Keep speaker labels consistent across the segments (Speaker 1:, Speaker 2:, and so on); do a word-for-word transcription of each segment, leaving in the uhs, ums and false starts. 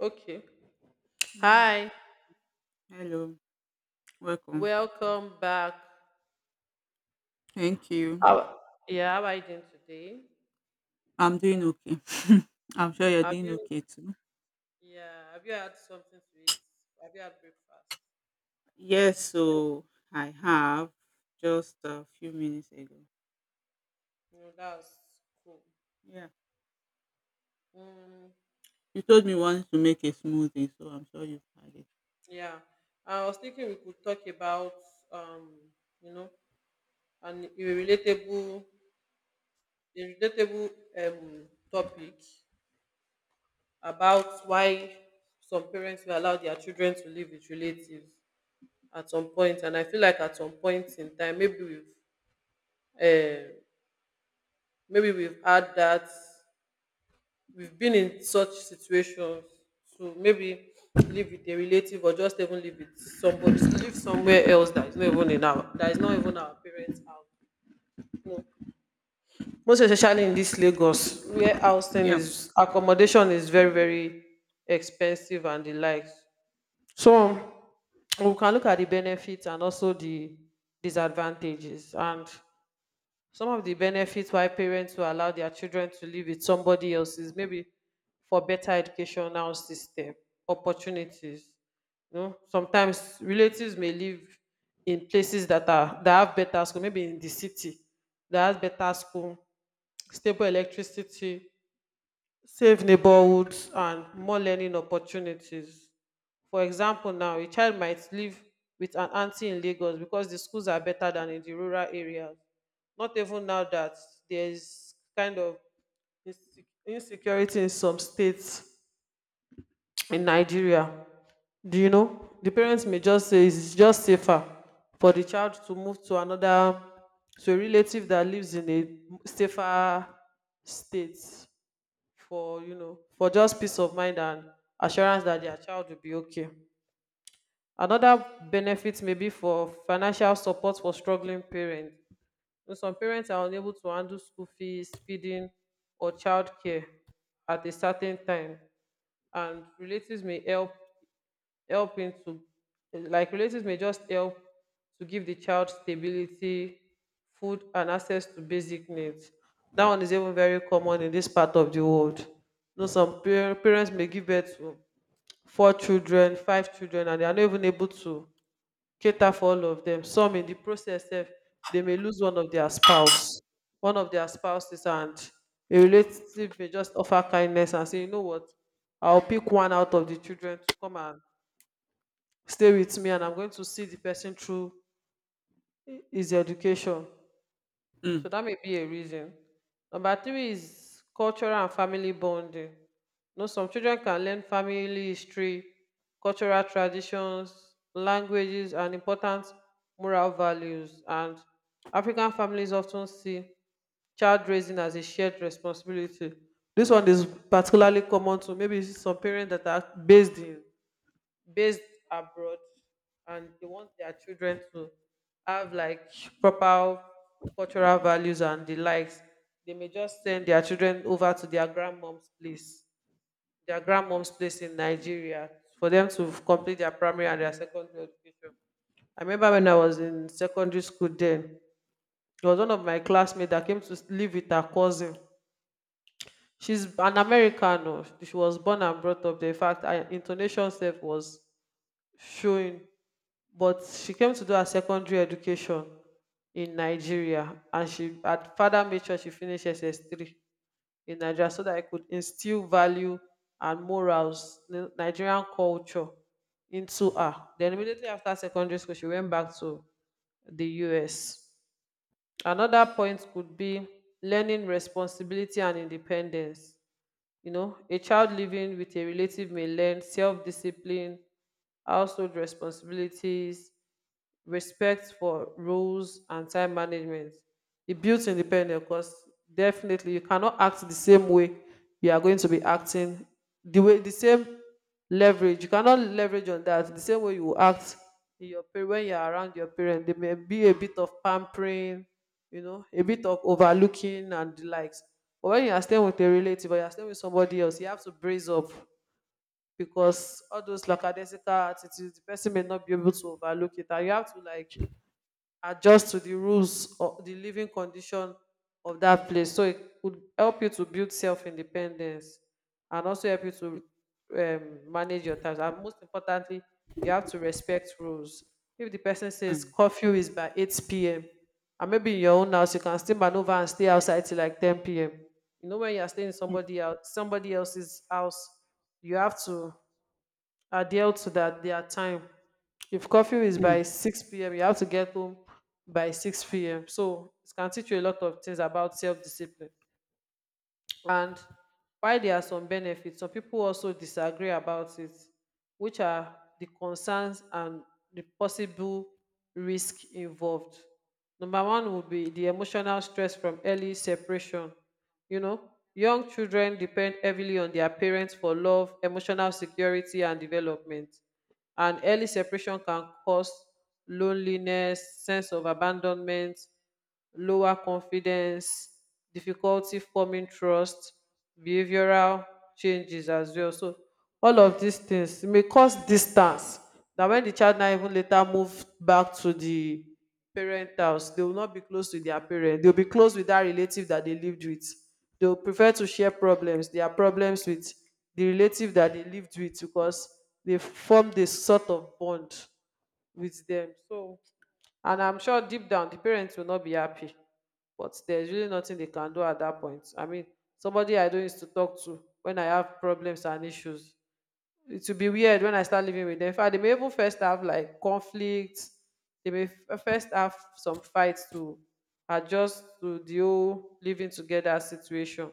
Speaker 1: Okay.
Speaker 2: Yeah.
Speaker 1: Hi.
Speaker 2: Hello. Welcome.
Speaker 1: Welcome back.
Speaker 2: Thank you.
Speaker 1: How- Yeah, how are you doing today?
Speaker 2: I'm doing okay. I'm sure you're
Speaker 1: Have
Speaker 2: doing
Speaker 1: you
Speaker 2: okay too.
Speaker 1: Yeah, have you had something to eat? Have you had breakfast?
Speaker 2: Yes, so I have just a few minutes ago.
Speaker 1: No, that's cool.
Speaker 2: Yeah.
Speaker 1: Mm,
Speaker 2: You told me you wanted to make a smoothie, so I'm sure you've had it.
Speaker 1: yeah. I was thinking we could talk about um, you know, an a relatable a relatable um topic about why some parents will allow their children to live with relatives at some point. And I feel like at some point in time, maybe we've um maybe we've had that, we've been in such situations. So maybe live with a relative or just even live with somebody, live somewhere else that is not even in our, that is not even our parents' house, you most especially in this Lagos where housing
Speaker 2: Yeah.
Speaker 1: is accommodation is very, very expensive and the likes. So we can look at the benefits and also the disadvantages. And some of the benefits why parents will allow their children to live with somebody else is maybe for better educational system, opportunities. You know, sometimes relatives may live in places that are that have better school, maybe in the city that has better school, stable electricity, safe neighborhoods, and more learning opportunities. For example now, a child might live with an auntie in Lagos because the schools are better than in the rural areas. Not even now that there is kind of inse- insecurity in some states in Nigeria. Do you know? The parents may just say it's just safer for the child to move to another, to a relative that lives in a safer state for, you know, for just peace of mind and assurance that their child will be okay. Another benefit may be for financial support for struggling parents. You know, some parents are unable to handle school fees, feeding, or childcare at a certain time, and relatives may help help into like relatives may just help to give the child stability, food, and access to basic needs. That one is even very common in this part of the world. You know, some par- parents may give birth to four children, five children, and they are not even able to cater for all of them. Some in the process sef dey may lose one of their spouse one of their spouses. And a relative may just offer kindness and say, you know what, I will pick one out of the children to come and stay with me, and I'm going to see the person through hi- his education. So
Speaker 2: Mm,
Speaker 1: that may be a reason. Number three is cultural and family bonding. You know, some children can learn family history, cultural traditions, languages, and important moral values. And African families often see child raising as a shared responsibility. This one is particularly common to maybe you see some parents that are based in based abroad and they want their children to have like proper cultural values and the likes. They may just send their children over to their grandmom's place their grandmom's place in Nigeria for them to complete their primary and their secondary education. I remember when I was in secondary school then, there was one of my classmates that came to live with her cousin. She's an American, oh. She was born and brought up there. In fact, her intonation sef was showing, but she came to do her secondary education in Nigeria, and she had father made sure she finished S S three in Nigeria so that I could instill value and morals, Ni- Nigerian culture into her. Then immediately after secondary school, she went back to the U S. Another point could be learning responsibility and independence. You know, a child living with a relative may learn self discipline, household responsibilities, respect for rules, and time management. It builds independence because definitely you cannot act the same way you are going to be acting the way the same leverage. You cannot leverage on that the same way you will act in your parent when you are around your parent. There may be a bit of pampering, you know, a bit of overlooking and the likes. But when you are staying with a relative or you are staying with somebody else, you have to brace up because all those lackadaisical attitudes, the person may not be able to overlook it. And you have to like adjust to the rules or the living condition of that place, so it could help you to build self-independence and also help you to um, manage your time. And most importantly, you have to respect rules. If the person says
Speaker 2: mm,
Speaker 1: curfew is by eight p.m and maybe in your own house you can still maneuver and stay outside till like ten p.m, you know, when you are staying in
Speaker 2: mm,
Speaker 1: somebody else somebody else's house, you have to adhere to that their time. If curfew is
Speaker 2: mm.
Speaker 1: by six p m, you have to get home by six p m. So it can teach you a lot of things about self-discipline. And while there are some benefits, some people also disagree about it, which are the concerns and the possible risk involved. Number one would be the emotional stress from early separation. You know, young children depend heavily on their parents for love, emotional security, and development. And early separation can cause loneliness, sense of abandonment, lower confidence, difficulty forming trust, behavioral changes as well. So all of these things may cause distance that when the child now even later move back to the parent house, they will not be close to their parent. They'll be close with that relative that they lived with. They'll prefer to share problems, their problems with the relative that they lived with because they formed a sort of bond with them. So, and I'm sure deep down the parents will not be happy. But there's really nothing they can do at that point. I mean, somebody I don't used to talk to when I have problems and issues, it will be weird when I start living with them. In fact, they may even first have like conflicts. They may f- first have some fights to adjust to the whole living together situation.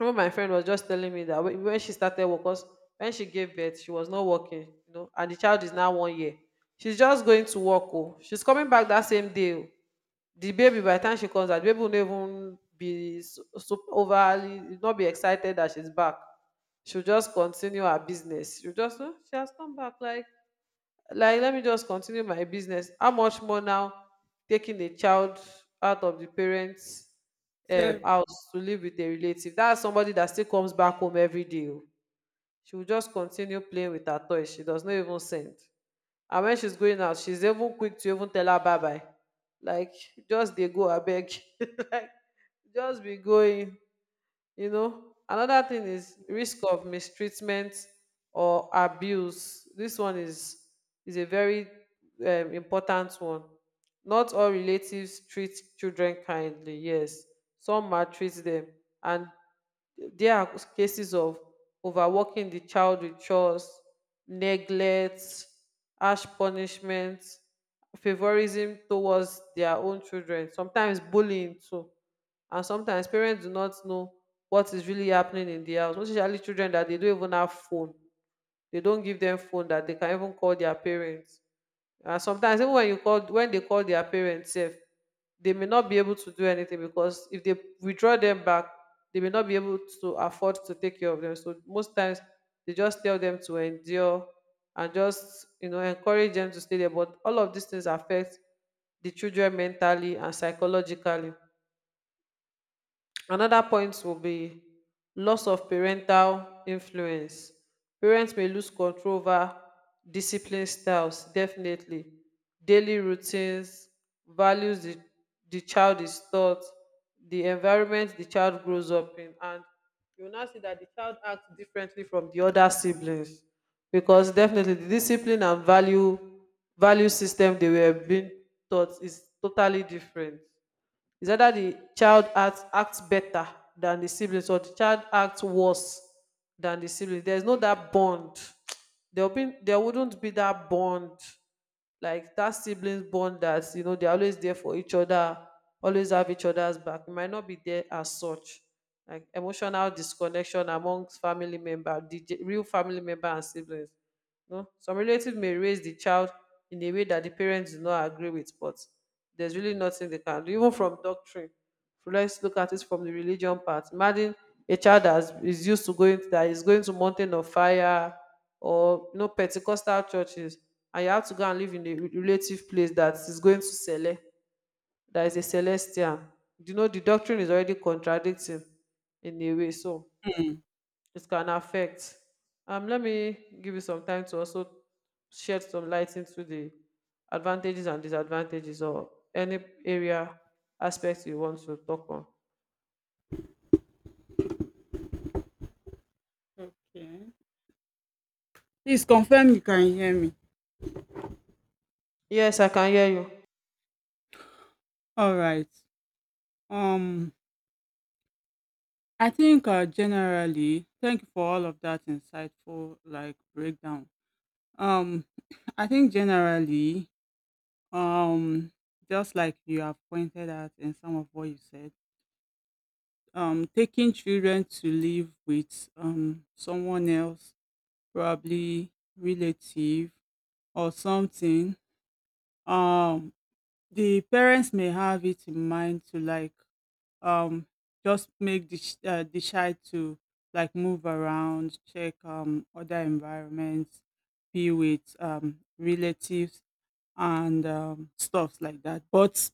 Speaker 1: Even my friend was just telling me that when when she started work, 'cause when she gave birth, she was not working, you know, and the child is now one year. She's just going to work. Oh. She's coming back that same day. Oh. The baby, by the time she comes out, the baby will not even be so, so overly, will not be excited that she's back. She'll just continue her business. She'll just, "Oh, she has come back. Like, like, let me just continue my business." How much more now taking a child out of the parents' um,
Speaker 2: So,
Speaker 1: house to live with a relative, that's somebody that still comes back home every day o. She will just continue playing with her toys, she does not even send. And when she's going out, she's even quick to even tell her bye bye, like just they go, I beg. Like, just be going. You know, another thing is risk of mistreatment or abuse. This one is is a very um, important one. Not all relatives treat children kindly. Yes, some maltreat them, and there are cases of overworking the child with chores, neglect, harsh punishment, favoritism towards their own children. Sometimes bullying too. And sometimes parents do not know what is really happening in the house. Most especially children that they don't even have phone, they don't give them phone that they can even call their parents. And sometimes even when you call when they call their parents sef, they may not be able to do anything because if they withdraw them back, they may not be able to afford to take care of them. So most times they just tell them to endure and just, you know, encourage them to stay there. But all of these things affect the children mentally and psychologically. Another point will be loss of parental influence. Parents may lose control over discipline styles, definitely. Daily routines, values the, the child is taught, the environment the child grows up in. And you will now see that the child acts differently from the other siblings because definitely the discipline and value value system they were being taught is totally different. It's either the child acts, acts better than the siblings or the child acts worse than the siblings. There's no that bond. There'll be there wouldn't be that bond, like that siblings bond, that, you know, they're always there for each other, always have each other's back. It might not be there as such. Like emotional disconnection amongst family member, the real family member and siblings. No, some relatives may raise the child in a way that the parents do not agree with, but there's really nothing they can do. Even from doctrine, so let's look at it from the religion part. Imagine a child that is used to going that is going to Mountain of Fire or you know Pentecostal churches, and you have to go and live in a re- relative place that is going to Sele, that is a Celestian. You know the doctrine is already contradicting in a way. So
Speaker 2: mm,
Speaker 1: this can affect. Um, let me give you some time to also shed some light into the advantages and disadvantages or any area aspects you want to talk on.
Speaker 2: okay. Please confirm you can hear me.
Speaker 1: Yes, I can hear you.
Speaker 2: All right. Um, I think uh, generally, thank you for all of that insightful like breakdown. Um, I think generally, um, just like you have pointed out in some of what you said, um, taking children to live with um someone else, probably relative or something, um, the parents may have it in mind to like um just make the sh- uh, decide to like move around, check um other environments, be with um relatives and, um, stuff like that. But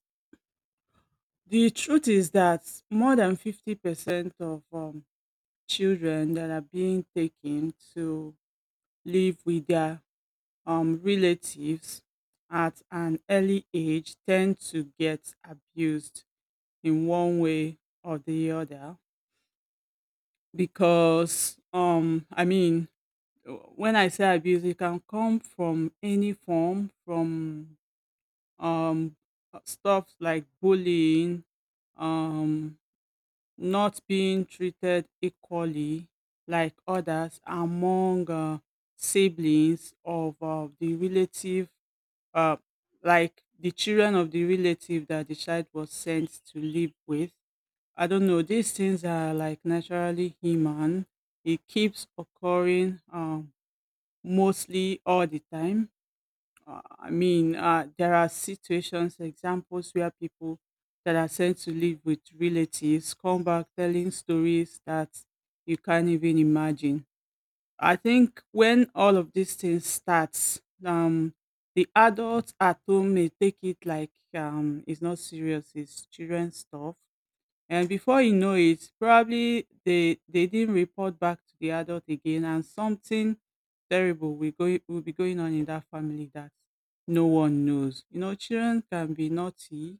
Speaker 2: the truth is that more than fifty percent of um, children that are being taken to live with their um, relatives at an early age tend to get abused in one way or the other, because um I mean, when I say abuse, it can come from any form, from um uh, stuff like bullying, um not being treated equally like others among uh, siblings of uh, the relative, uh, like the children of the relative that the child was sent to live with. I don't know. These things are like naturally human. It keeps occurring, um, mostly all the time. Uh, I mean, uh, there are situations, examples where people that are sent to live with relatives come back telling stories that you can't even imagine. I think when all of these things starts, um, the adults at home may take it like, um, it's not serious, it's children stuff. And before you know it, probably they they didn't report back to the adult again, and something terrible will go will be going on in that family that no one knows. You know, children can be naughty;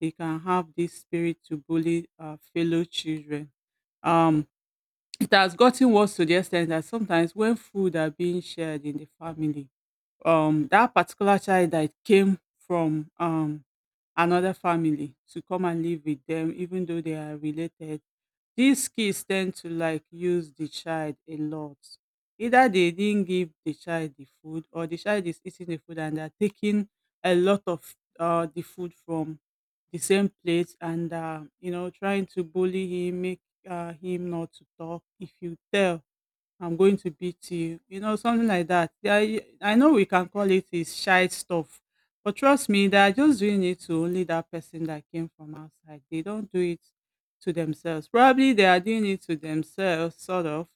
Speaker 2: they can have this spirit to bully uh, fellow children. Um, It has gotten worse to the extent that sometimes when food are being shared in the family, um that particular child that came from um another family to come and live with them, even though they are related, these kids tend to like use the child a lot. Either they didn't give the child the food, or the child is eating the food and they're taking a lot of uh, the food from the same plate, and uh, you know, trying to bully him, make uh, him not to talk. If you tell, I'm going to beat you. You know, something like that. Yeah, I, I know we can call it his shy stuff, but trust me, they are just doing it to only that person that came from outside. They don't do it to themselves. Probably they are doing it to themselves, sort of,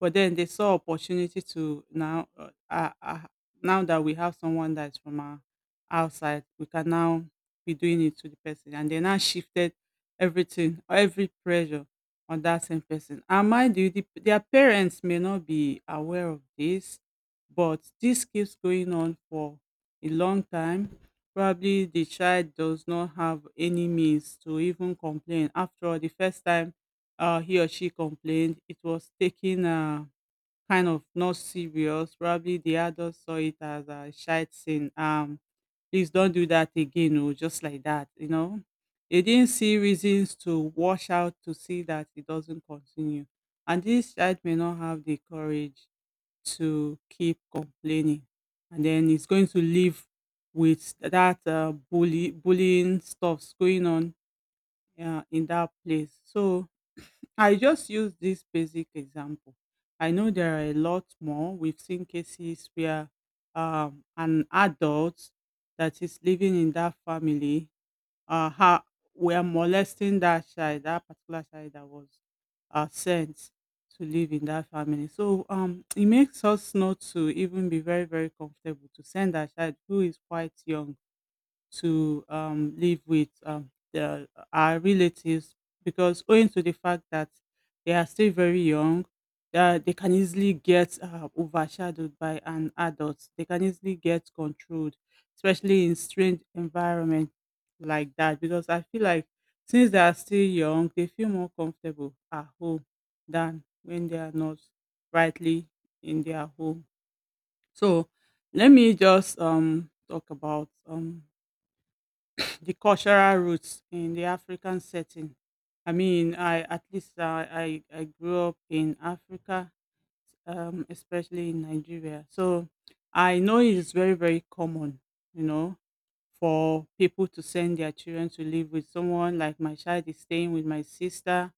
Speaker 2: but then they saw opportunity to now, uh, uh, uh, now that we have someone that's from our outside, we can now be doing it to the person. And they now shifted everything, every pressure on that same person. And mind you, the, their parents may not be aware of this, but this keeps going on for a long time. Probably the child does not have any means to even complain. After all, the first time uh, he or she complained, it was taken Uh, kind of not serious. Probably the adults saw it as a shite scene. Um, please don't do that again, or just like that, you know. They didn't see reasons to wash out to see that it doesn't continue. And this child may not have the courage to keep complaining. And then it's going to live with that uh, bully, bullying stuffs going on uh, in that place. So, I just use this basic example. I know there are a lot more. We've seen cases where, um, an adult that is living in that family, uh, ha- were molesting that child, that particular child that was uh, sent to live in that family. So, um, it makes us not to even be very, very comfortable to send our child who is quite young to, um, live with, um, their, our relatives, because owing to the fact that they are still very young, that they can easily get uh, overshadowed by an adult. They can easily get controlled, especially in strange environment like that. Because I feel like since they are still young, they feel more comfortable at home than when they are not rightly in their home. So let me just um talk about um the cultural roots in the African setting. I mean, I at least, uh, I I grew up in Africa, um, especially in Nigeria. So I know it is very, very common, you know, for people to send their children to live with someone. Like my child is staying with my sister.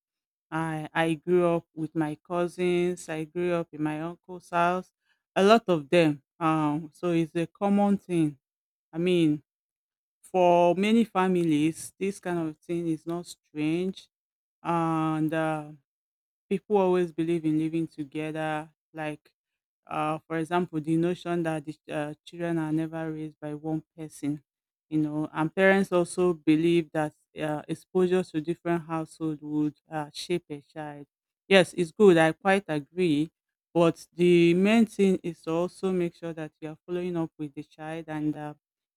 Speaker 2: I I grew up with my cousins. I grew up in my uncle's house. A lot of them. Um, so it's a common thing. I mean, for many families, this kind of thing is not strange, and uh, people always believe in living together, like, uh, for example, the notion that the, uh, children are never raised by one person, you know, and parents also believe that uh, exposure to different household would uh, shape a child. Yes, it's good, I quite agree, but the main thing is to also make sure that you are following up with the child, and uh,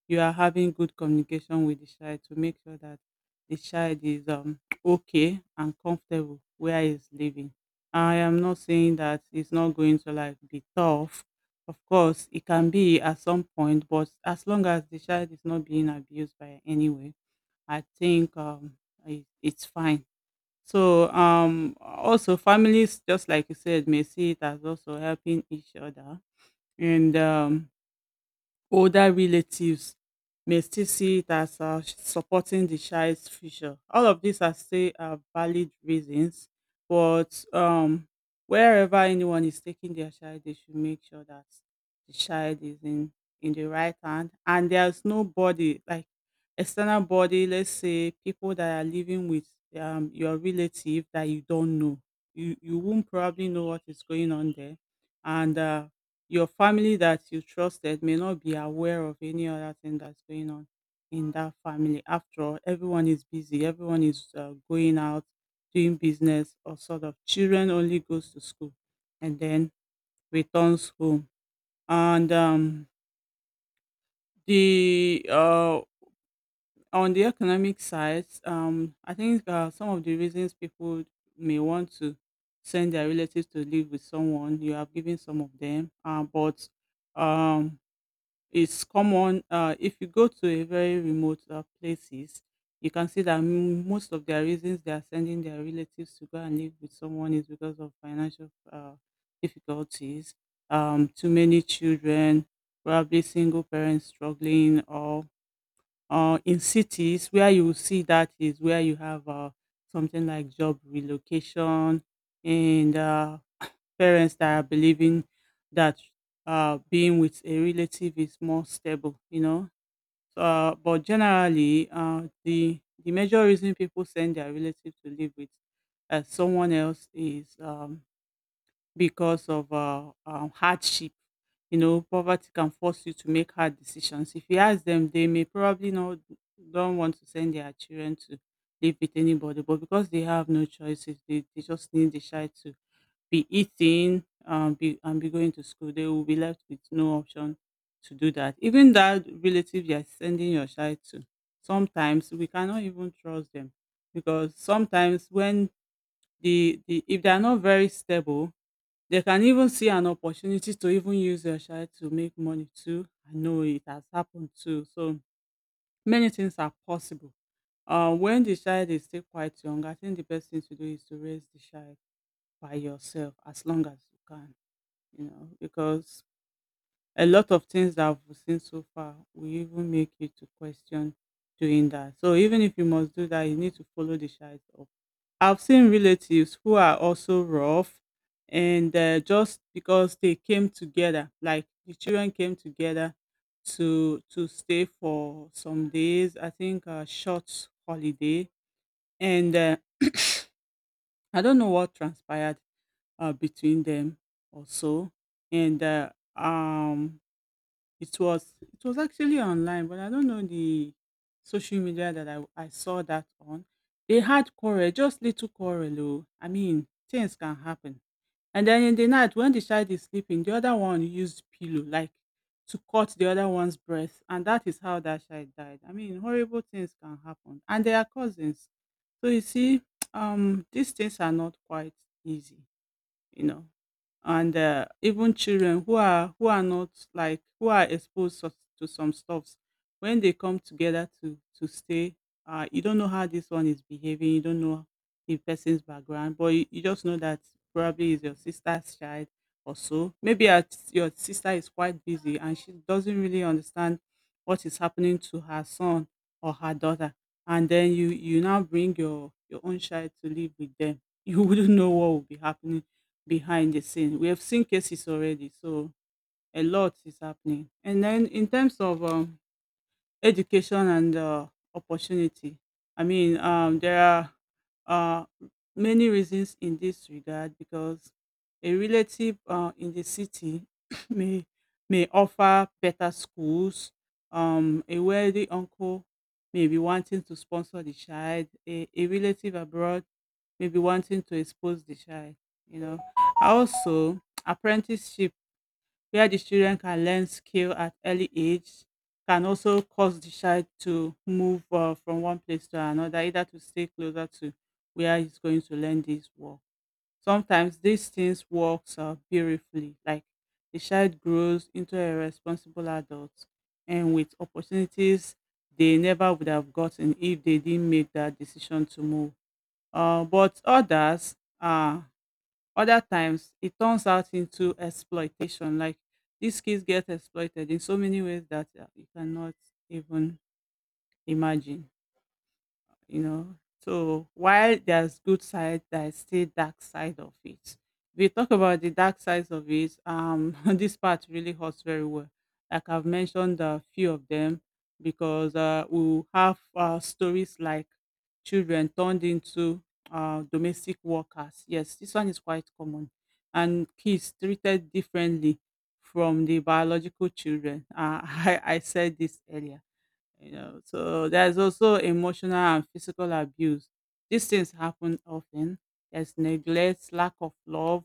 Speaker 2: you are having good communication with the child to make sure that the child is, um, okay and comfortable where he's living. I am not saying that it's not going to like be tough. Of course, it can be at some point, but as long as the child is not being abused by anyone, I think, um, it, it's fine. So, um, also families, just like you said, may see it as also helping each other, and, um, older relatives may still see it as uh, supporting the child's future. All of these are still uh, valid reasons, but, um, wherever anyone is taking their child, they should make sure that the child is in in the right hand, and there's nobody like external body. Let's say people that are living with, um, your relative that you don't know. You you won't probably know what is going on there, and uh, your family that you trusted may not be aware of any other thing that's going on in that family. After all, everyone is busy, everyone is uh, going out, doing business, or sort of. Children only goes to school and then returns home. And, um, the uh, on the economic side, um, I think uh, some of the reasons people may want to send their relatives to live with someone, you have given some of them, uh, but um it's common, uh, if you go to a very remote uh, places, you can see that m- most of their reasons they are sending their relatives to go and live with someone is because of financial uh, difficulties, um, too many children, probably single parents struggling, or uh, in cities where you will see that is where you have uh, something like job relocation, and uh, parents that are believing that uh, being with a relative is more stable, you know. So, Uh, but generally, uh, the the major reason people send their relatives to live with uh, someone else is um, because of uh, um, hardship. You know, poverty can force you to make hard decisions. If you ask them, they may probably not don't want to send their children to live with anybody, but because they have no choices, they, they just need the child to be eating, um, be and be going to school. They will be left with no option to do that. Even that relative you are sending your child to, sometimes we cannot even trust them, because sometimes when the, the if they are not very stable, they can even see an opportunity to even use your child to make money too. I know it has happened too. So many things are possible. Uh, when the child is still quite young, I think the best thing to do is to raise the child by yourself as long as you can, you know, because a lot of things that we've seen so far will even make you to question doing that. So even if you must do that, you need to follow the child up. I've seen relatives who are also rough, and uh, just because they came together, like the children came together to to stay for some days. I think a short holiday, and, uh, I don't know what transpired uh, between them or so. And uh, um It was it was actually online, but I don't know the social media that I I saw that on. They had quarrel, just little quarrel. Oh. I mean, things can happen. And then in the night when the child is sleeping, the other one used pillow like to cut the other one's breath, and that is how that child died. I mean, horrible things can happen, and they are cousins. So you see, um, these things are not quite easy you know. And uh, even children who are who are not like who are exposed so- to some stuffs, when they come together to to stay, uh, you don't know how this one is behaving. You don't know the person's background, but you, you just know that probably is your sister's child or so. Maybe your your sister is quite busy and she doesn't really understand what is happening to her son or her daughter. And then you you now bring your your own child to live with them. You wouldn't know what will be happening behind the scene. We have seen cases already, so a lot is happening. And then in terms of um, education and uh, opportunity. I mean, um, there are uh, many reasons in this regard, because a relative uh, in the city may may offer better schools. Um, a wealthy uncle may be wanting to sponsor the child. A, a relative abroad may be wanting to expose the child. You know, also apprenticeship, where the children can learn skill at early age, can also cause the child to move uh, from one place to another, either to stay closer to where he's going to learn this work. Sometimes these things works uh, beautifully, like the child grows into a responsible adult and with opportunities they never would have gotten if they didn't make that decision to move. Uh, but others, uh, other times it turns out into exploitation. Like these kids get exploited in so many ways that uh, you cannot even imagine you know. So while there's good side, there's still dark side of it. We talk about the dark sides of it. Um, this part really hurts very well. Like I've mentioned a few of them, because uh, we have uh, stories like children turned into uh, domestic workers. Yes, this one is quite common. And kids treated differently from the biological children. Uh, I, I said this earlier you know, so there's also emotional and physical abuse. These things happen often. There's neglect, lack of love.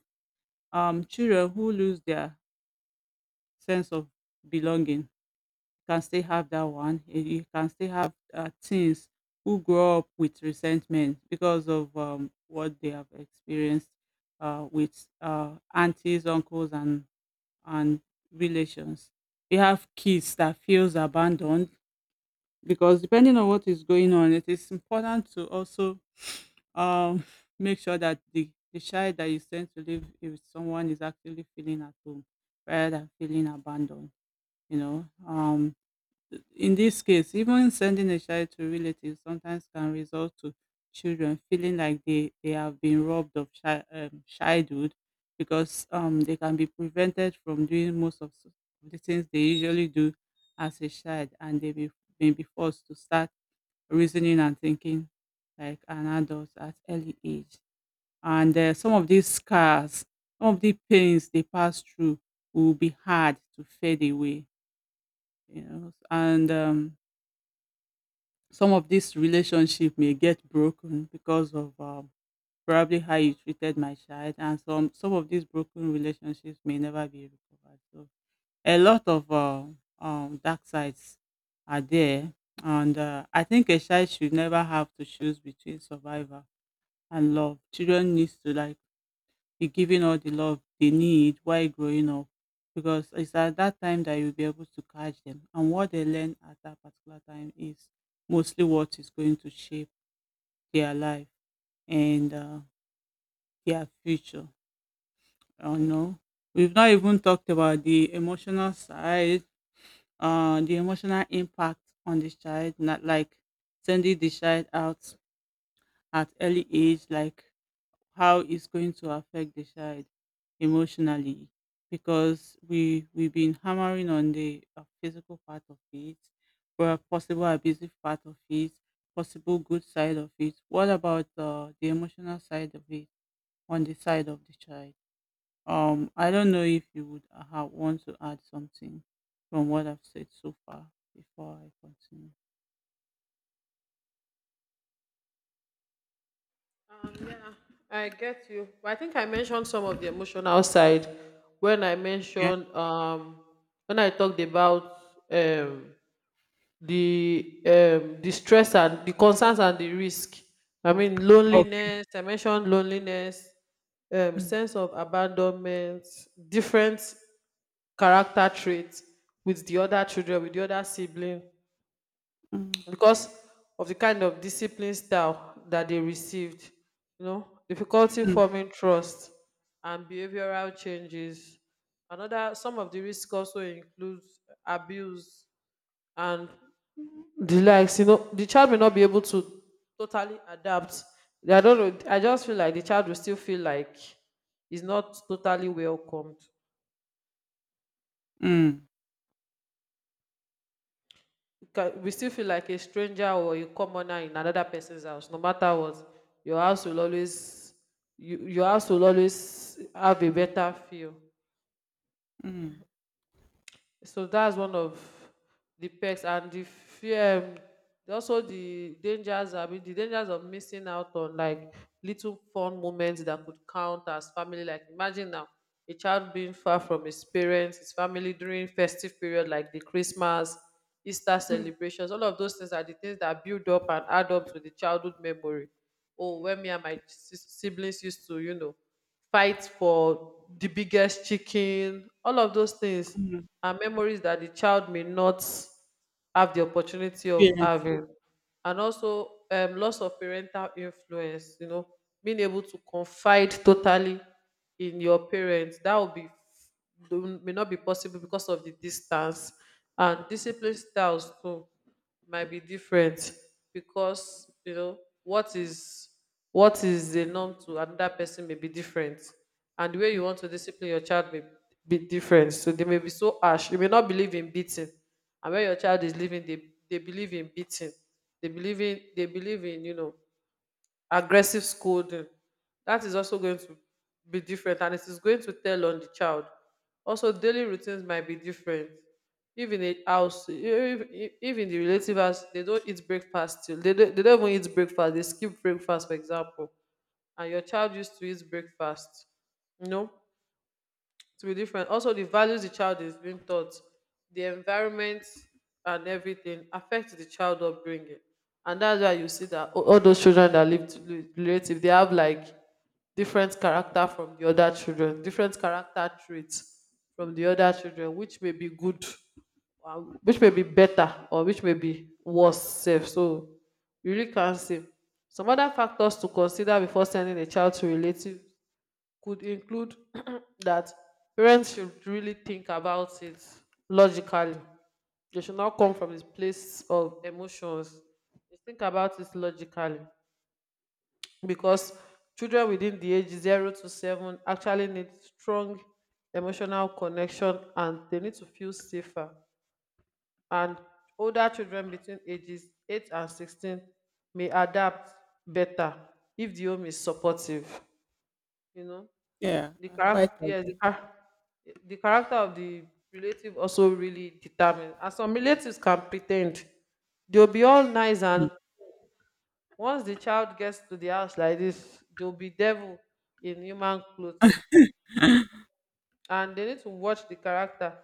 Speaker 2: um children who lose their sense of belonging can still have that one. Eh, you can still have uh, teens who grow up with resentment because of um, what they have experienced uh, with uh, aunties, uncles and and relations. We have kids that feels abandoned, because depending on what is going on, it is important to also, um, make sure that the, the child that you send to live with someone is actually feeling at home rather than feeling abandoned. You know, um, in this case, even sending a child to relatives sometimes can result to children feeling like they, they have been robbed of chi- um, childhood, because um, they can be prevented from doing most of s- the things they usually do as a child, and they be, may be forced to start reasoning and thinking like an adult at early age. And uh, some of these scars, some of the pains they pass through will be hard to fade away, you know. And um, some of this relationship may get broken because of um, probably how you treated my child, and some some of these broken relationships may never be recovered. So a lot of uh, um, dark sides are there. And uh, I think a child should never have to choose between survival and love. Children needs to like be given all the love they need while growing up, because it's at that time that you'll be able to catch them. And what they learn at that particular time is mostly what is going to shape their life and uh, their future. You know, we've not even talked about the emotional side, uh, the emotional impact on this child. Not like sending the child out at early age, like how it's going to affect the child emotionally, because we we've been hammering on the uh, physical part of it, or possible abusive part of it, possible good side of it. What about uh, the emotional side of it, on the side of the child? um I don't know if you would uh, ha- want to add something from what I've said so far before I continue.
Speaker 1: I get you. I think I mentioned some of the emotional side when I
Speaker 2: Okay.
Speaker 1: mentioned um when I talked about um the um the stress and the concerns and the risk. I mean,
Speaker 2: Okay.
Speaker 1: loneliness, I mentioned loneliness, um
Speaker 2: Mm.
Speaker 1: sense of abandonment, different character traits with the other children, with the other sibling,
Speaker 2: Mm.
Speaker 1: because of the kind of discipline style that they received, you know, difficulty
Speaker 2: Mm.
Speaker 1: forming trust and behavioral changes. Another, some of the risk also includes abuse and the likes. You know, the child may not be able to totally adapt. I don't know, I just feel like the child will still feel like he's not totally welcomed.
Speaker 2: Mm.
Speaker 1: Ca- we still feel like a stranger or a commoner in another person's house. No matter what, your house will always, you, your house will always have a better feel.
Speaker 2: Mm.
Speaker 1: So that's one of the perks and the fear. um, Also, the dangers. I mean, the dangers of missing out on like little fun moments that could count as family. Like, imagine now a child being far from his parents, his family during festive period like the Christmas, Easter
Speaker 2: Mm.
Speaker 1: celebrations. All of those things are the things that build up and add up to the childhood memory. Oh, when me and my sis- siblings used to, you know, fight for the biggest chicken, all of those things
Speaker 2: Mm.
Speaker 1: are memories that the child may not have the opportunity of
Speaker 2: Experience.
Speaker 1: having. And also, um, loss of parental influence. You know, being able to confide totally in your parents, that will be do- may not be possible because of the distance. And discipline styles too might be different, because you know, what is what is the norm to another person may be different, and the way you want to discipline your child may be different. So they may be so harsh, you may not believe in beating, and when your child is leaving, they they believe in beating, they believe in they believe in, you know, aggressive scolding. That is also going to be different, and it is going to tell on the child. Also, daily routines might be different. If in a house, if, if if in the relative house they don't eat breakfast till they don't, they don't even eat breakfast, they skip breakfast, for example, and your child used to eat breakfast, you know, to be different. Also, the values the child is being taught, the environment and everything affects the child upbringing. And that's why you see that a- all those children that live to li- relative, they have like different character from the other children, different character traits from the other children, which may be good, uh, which may be better, or which may be worse. Self. So you really can't see. Some other factors to consider before sending a child to relative could include that parents should really think about it logically. They should not come from this place of emotions. They think about it logically, because children within the age zero to seven actually need strong emotional connection and they need to feel safer. And older children between ages eight and sixteen may adapt better if the home is supportive, you know.
Speaker 2: Yeah,
Speaker 1: The
Speaker 2: I
Speaker 1: character,
Speaker 2: quite
Speaker 1: yes, the,
Speaker 2: agree.
Speaker 1: char- the character of the relative also really determines. And some relatives can pretend they'll be all nice,
Speaker 2: Mm.
Speaker 1: and once the child gets to the house like this, they'll be devil in human clothing, and they need to watch the character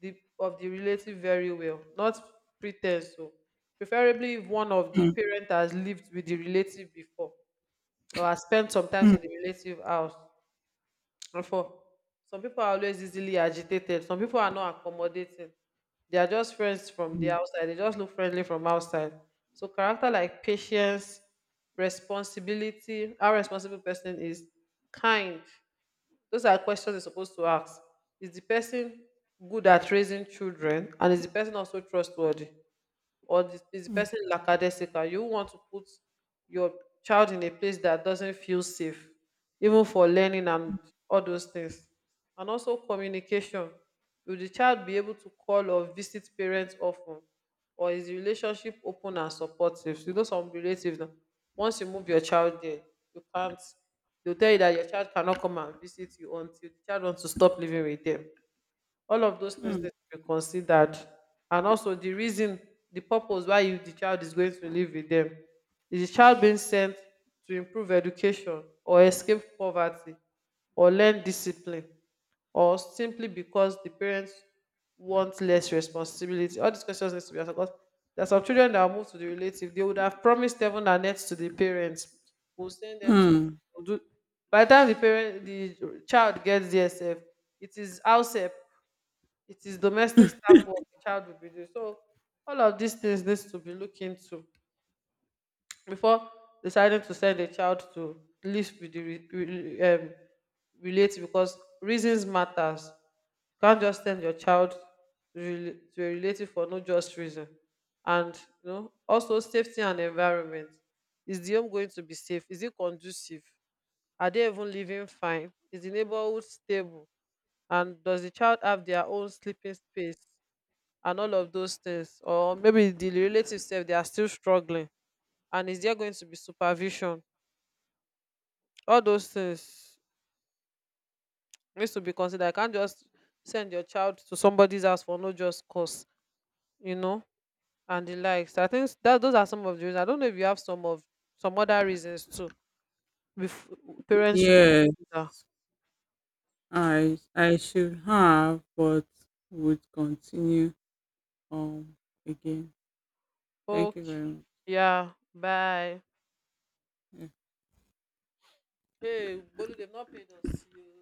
Speaker 1: the, of the relative very well, not pretend so. Preferably, if one of the
Speaker 2: Mm.
Speaker 1: parent has lived with the relative before or has spent sometimes in the
Speaker 2: Mm.
Speaker 1: relative house. And for, some people are always easily agitated. Some people are not accommodating. They are just friends from the
Speaker 2: Mm.
Speaker 1: outside. They just look friendly from outside. So character like patience, responsibility, how responsible person is, kind. Those are questions you're supposed to ask. Is the person good at raising children? And is the person also trustworthy? Or the, is the
Speaker 2: Mm.
Speaker 1: person lackadaisical? You want to put your child in a place that doesn't feel safe even for learning and all those things? And also communication: will the child be able to call or visit parents often? Or is the relationship open and supportive? You know, some relatives na, once you move your child there, you can't, they'll tell you that your child cannot come and visit you until the child wants to stop living with them. All of those things
Speaker 2: Mm.
Speaker 1: need to be considered. And also the reason, the purpose why you the child is going to live with them. Is the child being sent to improve education or escape poverty or learn discipline, or simply because the parents want less responsibility? All these questions need to be answered, because there are some children that are moved to the relative, they would have promised heaven and earth to the parents will send them to
Speaker 2: Mm.
Speaker 1: do. By the time the parent the child gets there sef, it is house help, it is domestic staff work the child will be doing. So all of these things needs to be looked into before deciding to send a child to live with the re- re- um, relative, because reasons matters. You can't just send your child to, rela- to a relative for no just reason. And you know, also safety and environment. Is the home going to be safe? Is it conducive? Are they even living fine? Is the neighborhood stable? And does the child have their own sleeping space? And all of those things, or maybe the relative self they are still struggling. And is there going to be supervision? All those things needs to be considered. I can't just send your child to somebody's house for no just cause, you know, and the likes. I think that those are some of the reasons. I don't know if you have some of some other reasons too before parents should
Speaker 2: Yes,
Speaker 1: consider.
Speaker 2: I I should have, but would continue um again. Thank you very
Speaker 1: Okay,
Speaker 2: much.
Speaker 1: yeah, bye.
Speaker 2: Yeah.
Speaker 1: Hey Bolu, they've not paid us.